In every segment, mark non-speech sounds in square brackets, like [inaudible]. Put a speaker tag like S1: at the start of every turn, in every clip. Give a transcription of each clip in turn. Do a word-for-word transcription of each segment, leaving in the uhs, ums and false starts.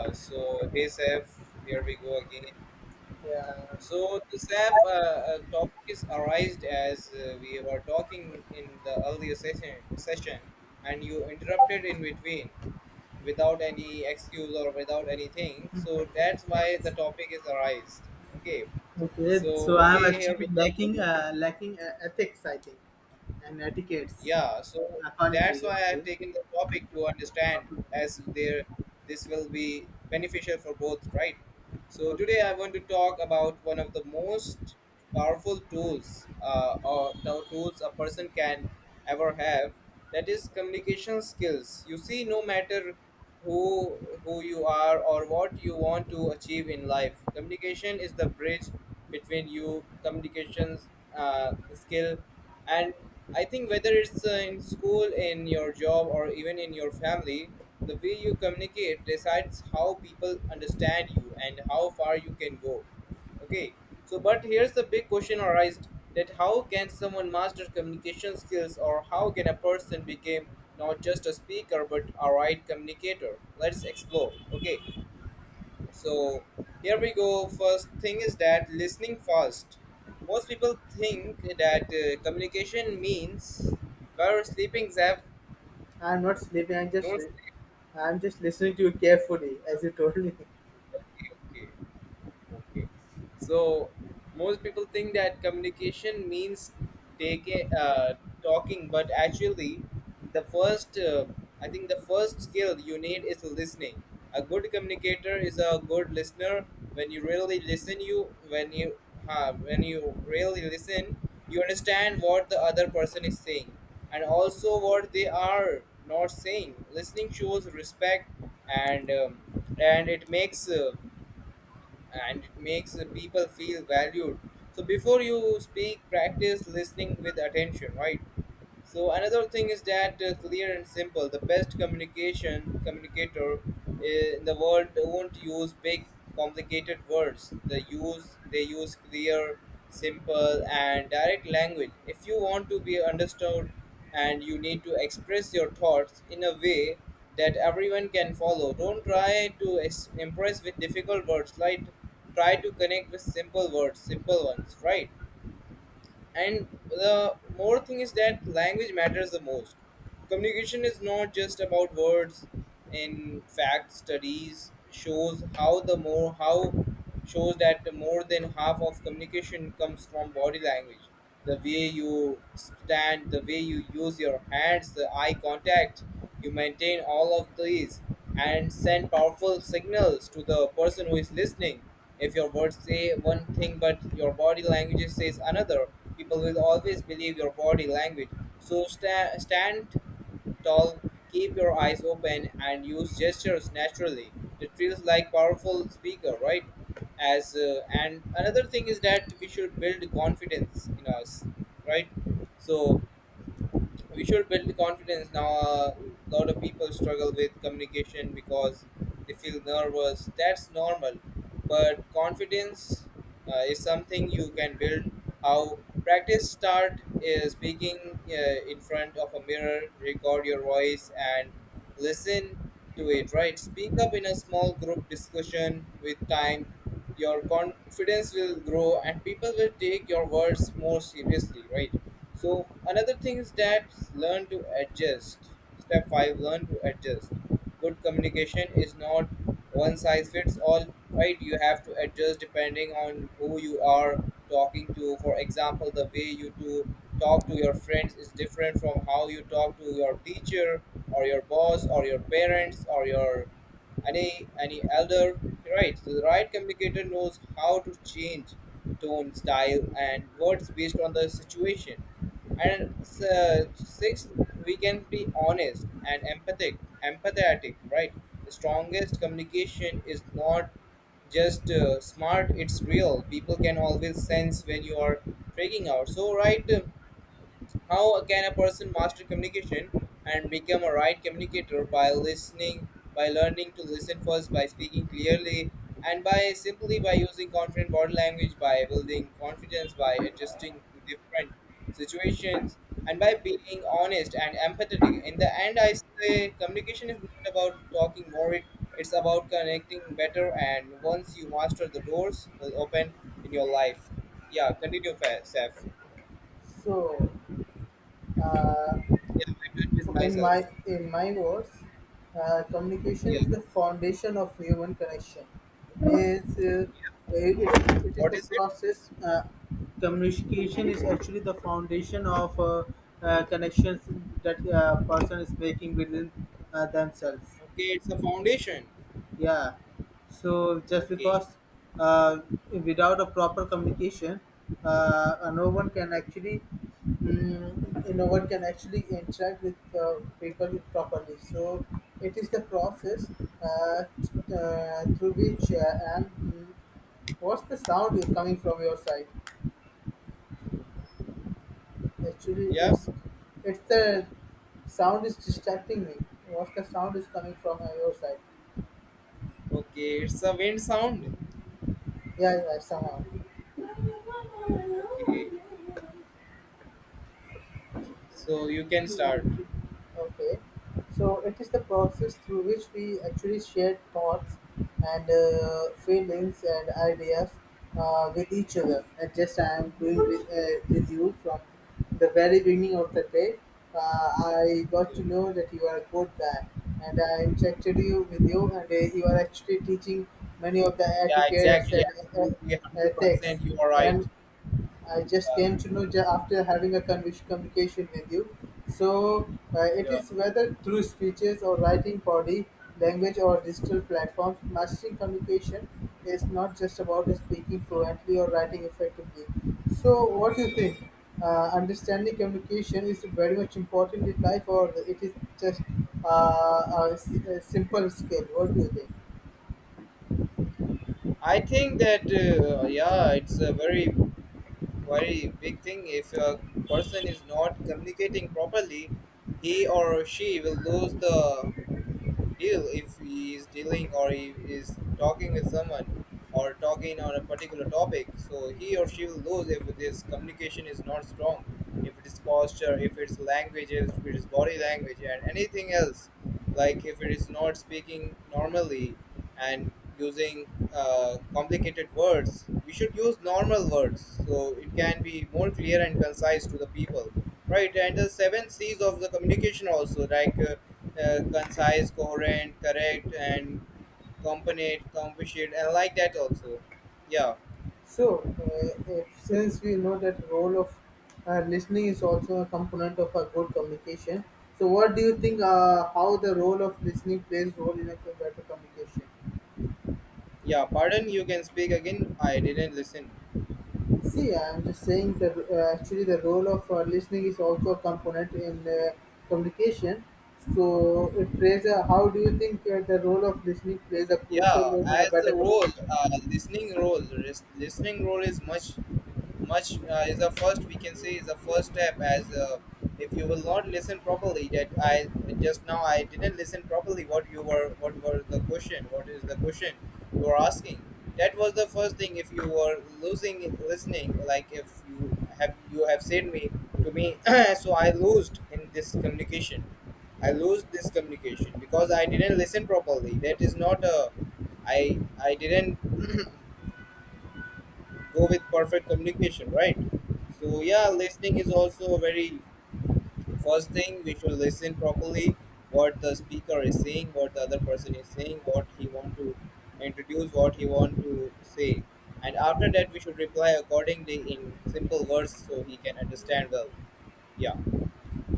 S1: Uh, so hey Saf, here we go again.
S2: Yeah.
S1: So the Saf uh, uh, topic is arised as uh, we were talking in the earlier session, session, and you interrupted in between without any excuse or without anything. So that's why the topic is arised. Okay. So
S2: Okay. So I'm
S1: okay, here
S2: actually
S1: we go.
S2: lacking uh, lacking uh, ethics, I think, and etiquettes,
S1: Yeah, so
S2: according to
S1: that's
S2: you.
S1: why I've
S2: Okay.
S1: taken the topic to understand
S2: Okay.
S1: as there this will be beneficial for both, right? So
S2: Okay.
S1: today I want to talk about one of the most powerful tools uh, or the tools a person can ever have, that is communication skills. You see, no matter who who you are or what you want to achieve in life, communication is the bridge between you. Communications uh, skill, and I think whether it's uh, in school, in your job, or even in your family, the way you communicate decides how people understand you and how far you can go. Okay, so but here's the big question arised, that how can someone master communication skills, or how can a person become not just a speaker but a right communicator? Let's explore. Okay, so here we go. First thing is that listening fast. Most people think that uh, communication means, where sleeping Zev,
S2: I'm not sleeping. I'm just
S1: don't sleep.
S2: I'm just listening to you carefully, as you told me. [laughs]
S1: Okay, okay. Okay. So most people think that communication means taking uh, talking, but actually, the first uh, I think the first skill you need is listening. A good communicator is a good listener. When you really listen, you when you uh, when you really listen, you understand what the other person is saying and also what they are not saying. Listening shows respect, and um, and it makes uh, and it makes the people feel valued. So before you speak, practice listening with attention, right? So another thing is that, uh, clear and simple. The best communication communicator uh, in the world won't use big, complicated words. They use, they use clear, simple, and direct language. If you want to be understood, and you need to express your thoughts in a way that everyone can follow. Don't try to es- impress with difficult words. Like, try to connect with simple words, simple ones, right? And the more thing is that language matters the most. Communication is not just about words. In fact, studies shows how the more how shows that the more than half of communication comes from body language. The way you stand, the way you use your hands, the eye contact you maintain, all of these and send powerful signals to the person who is listening. If your words say one thing but your body language says another, people will always believe your body language. So sta- stand tall, keep your eyes open, and use gestures naturally. It feels like powerful speaker, right? As uh, and another thing is that we should build confidence in us, right? So we should build confidence. Now a lot of people struggle with communication because they feel nervous. That's normal, but confidence uh, is something you can build. How? Practice, start is speaking uh, in front of a mirror, record your voice and listen to it, right? Speak up in a small group discussion. With time, your confidence will grow and people will take your words more seriously, right? So another thing is that learn to adjust. Step five, learn to adjust. Good communication is not one size fits all, right? You have to adjust depending on who you are talking to. For example, the way you to talk to your friends is different from how you talk to your teacher or your boss or your parents or your any any elder, right? So the right communicator knows how to change tone, style, and words based on the situation. And uh, sixth, we can be honest and empathic, empathetic, right? The strongest communication is not just uh, smart; it's real. People can always sense when you are freaking out. So, right? uh, how can a person master communication and become a right communicator? By listening, by learning to listen first, by speaking clearly, and by simply by using confident body language, by building confidence, by adjusting to different situations, and by being honest and empathetic. In the end, I say communication is not about talking more; it, it's about connecting better. And once you master, the doors will open in your life. Yeah, continue, Fa- Saf.
S2: So, uh,
S1: Yeah, I do it with
S2: So in
S1: myself.
S2: my in my words, uh, communication
S1: Yeah.
S2: is the foundation of human connection. It's,
S1: Yeah.
S2: uh, it, it It is
S1: What
S2: the
S1: is it?
S2: process. Uh, communication is actually the foundation of uh, uh, connections that uh, person is making within uh, themselves.
S1: Okay, it's a foundation.
S2: Yeah. So just
S1: Okay.
S2: because uh, without a proper communication, uh, uh, no one can actually mm, no one can actually interact with uh, people properly. So it is the process uh, t- uh, through which uh, and mm, what's the sound coming from your side? Actually,
S1: Yeah.
S2: it's it's the sound is distracting me. What's the sound is coming from uh, your side?
S1: Okay, it's a wind sound.
S2: Yeah, yeah, somehow.
S1: Okay. So you can start.
S2: Okay. So it is the process through which we actually share thoughts and uh, feelings and ideas uh, with each other. And just I am doing with, uh, with you from the very beginning of the day. Uh, I got to
S1: Yeah.
S2: know that you are a good guy, and I interacted you with you, and uh, you are actually teaching many of the
S1: Yeah.
S2: etiquettes
S1: Exactly.
S2: and uh, uh,
S1: Absolutely. one Hundred
S2: ethics.
S1: percent. You are right.
S2: And I just came
S1: Yeah.
S2: to know ju- after having a convers communication with you. So uh, it
S1: Yeah.
S2: is whether through speeches or writing, body language or digital platforms, mastering communication is not just about speaking fluently or writing effectively. So what do you think? Uh, understanding communication is very much important in life, or it is just uh, a s- a simple skill. What do you think?
S1: I think that uh, yeah, it's a very very big thing. If a person is not communicating properly, he or she will lose the deal if he is dealing or he is talking with someone or talking on a particular topic. So he or she will lose if this communication is not strong, if it is posture, if it's languages, if it is body language, and anything else, like if it is not speaking normally and using uh, complicated words. We should use normal words so it can be more clear and concise to the people, right? And the seven c's of the communication also, like uh, uh, concise, coherent, correct, and component, composite, and like that also, yeah.
S2: So, uh, uh, since we know that role of uh, listening is also a component of a good communication, so what do you think? Uh, how the role of listening plays role in a co- better communication?
S1: Yeah, pardon, you can speak again, I didn't listen.
S2: See, I'm just saying that uh, actually the role of uh, listening is also a component in uh, communication. So, it plays a. How do you think uh, the role of listening plays a
S1: Yeah,
S2: crucial role in a
S1: as
S2: better
S1: the role,
S2: communication?
S1: uh, listening role lis- listening role is much much uh, is the first, we can say is the first step. As uh, If you will not listen properly, that I, just now I didn't listen properly what you were, what was the question, what is the question you were asking, that was the first thing. If you were losing listening, like if you have you have said me to me [clears throat] so I lost in this communication. I lose this communication because I didn't listen properly. That is not a, I I didn't [clears throat] go with perfect communication, right? So yeah, listening is also a very first thing. We should listen properly what the speaker is saying, what the other person is saying, what he want to introduce, what he want to say, and after that we should reply accordingly in simple words so he can understand well. Yeah.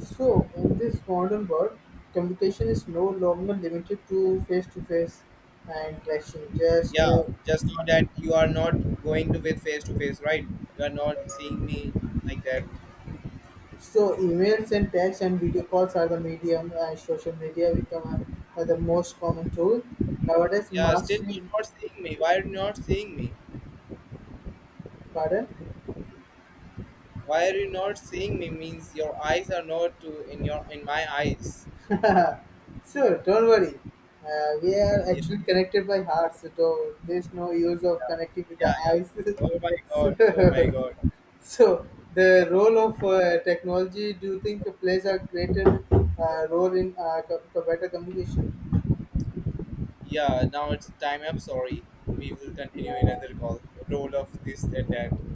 S2: So, in this modern world, communication is no longer limited to face-to-face and clashing. Just
S1: Yeah,
S2: uh,
S1: just know that you are not going to with face to face, right? You are not seeing me like that.
S2: so emails and texts and video calls are the medium, and social media become a, are the most common tool nowadays.
S1: Yeah, still
S2: Massive,
S1: you're not seeing me. Why are you not seeing me?
S2: pardon.
S1: Why are you not seeing me means your eyes are not to in your in my eyes.
S2: Sure, don't worry. Uh, we are
S1: Yeah.
S2: actually connected by heart, so there's no use of
S1: Yeah.
S2: connecting with
S1: Yeah,
S2: the
S1: yeah.
S2: eyes. [laughs]
S1: Oh my god, oh my
S2: so, [laughs]
S1: god.
S2: So, the role of uh, technology, do you think plays a greater uh, role in uh, co- better communication?
S1: Yeah, now it's time, I'm sorry, we will continue in another call. Roll of this and that.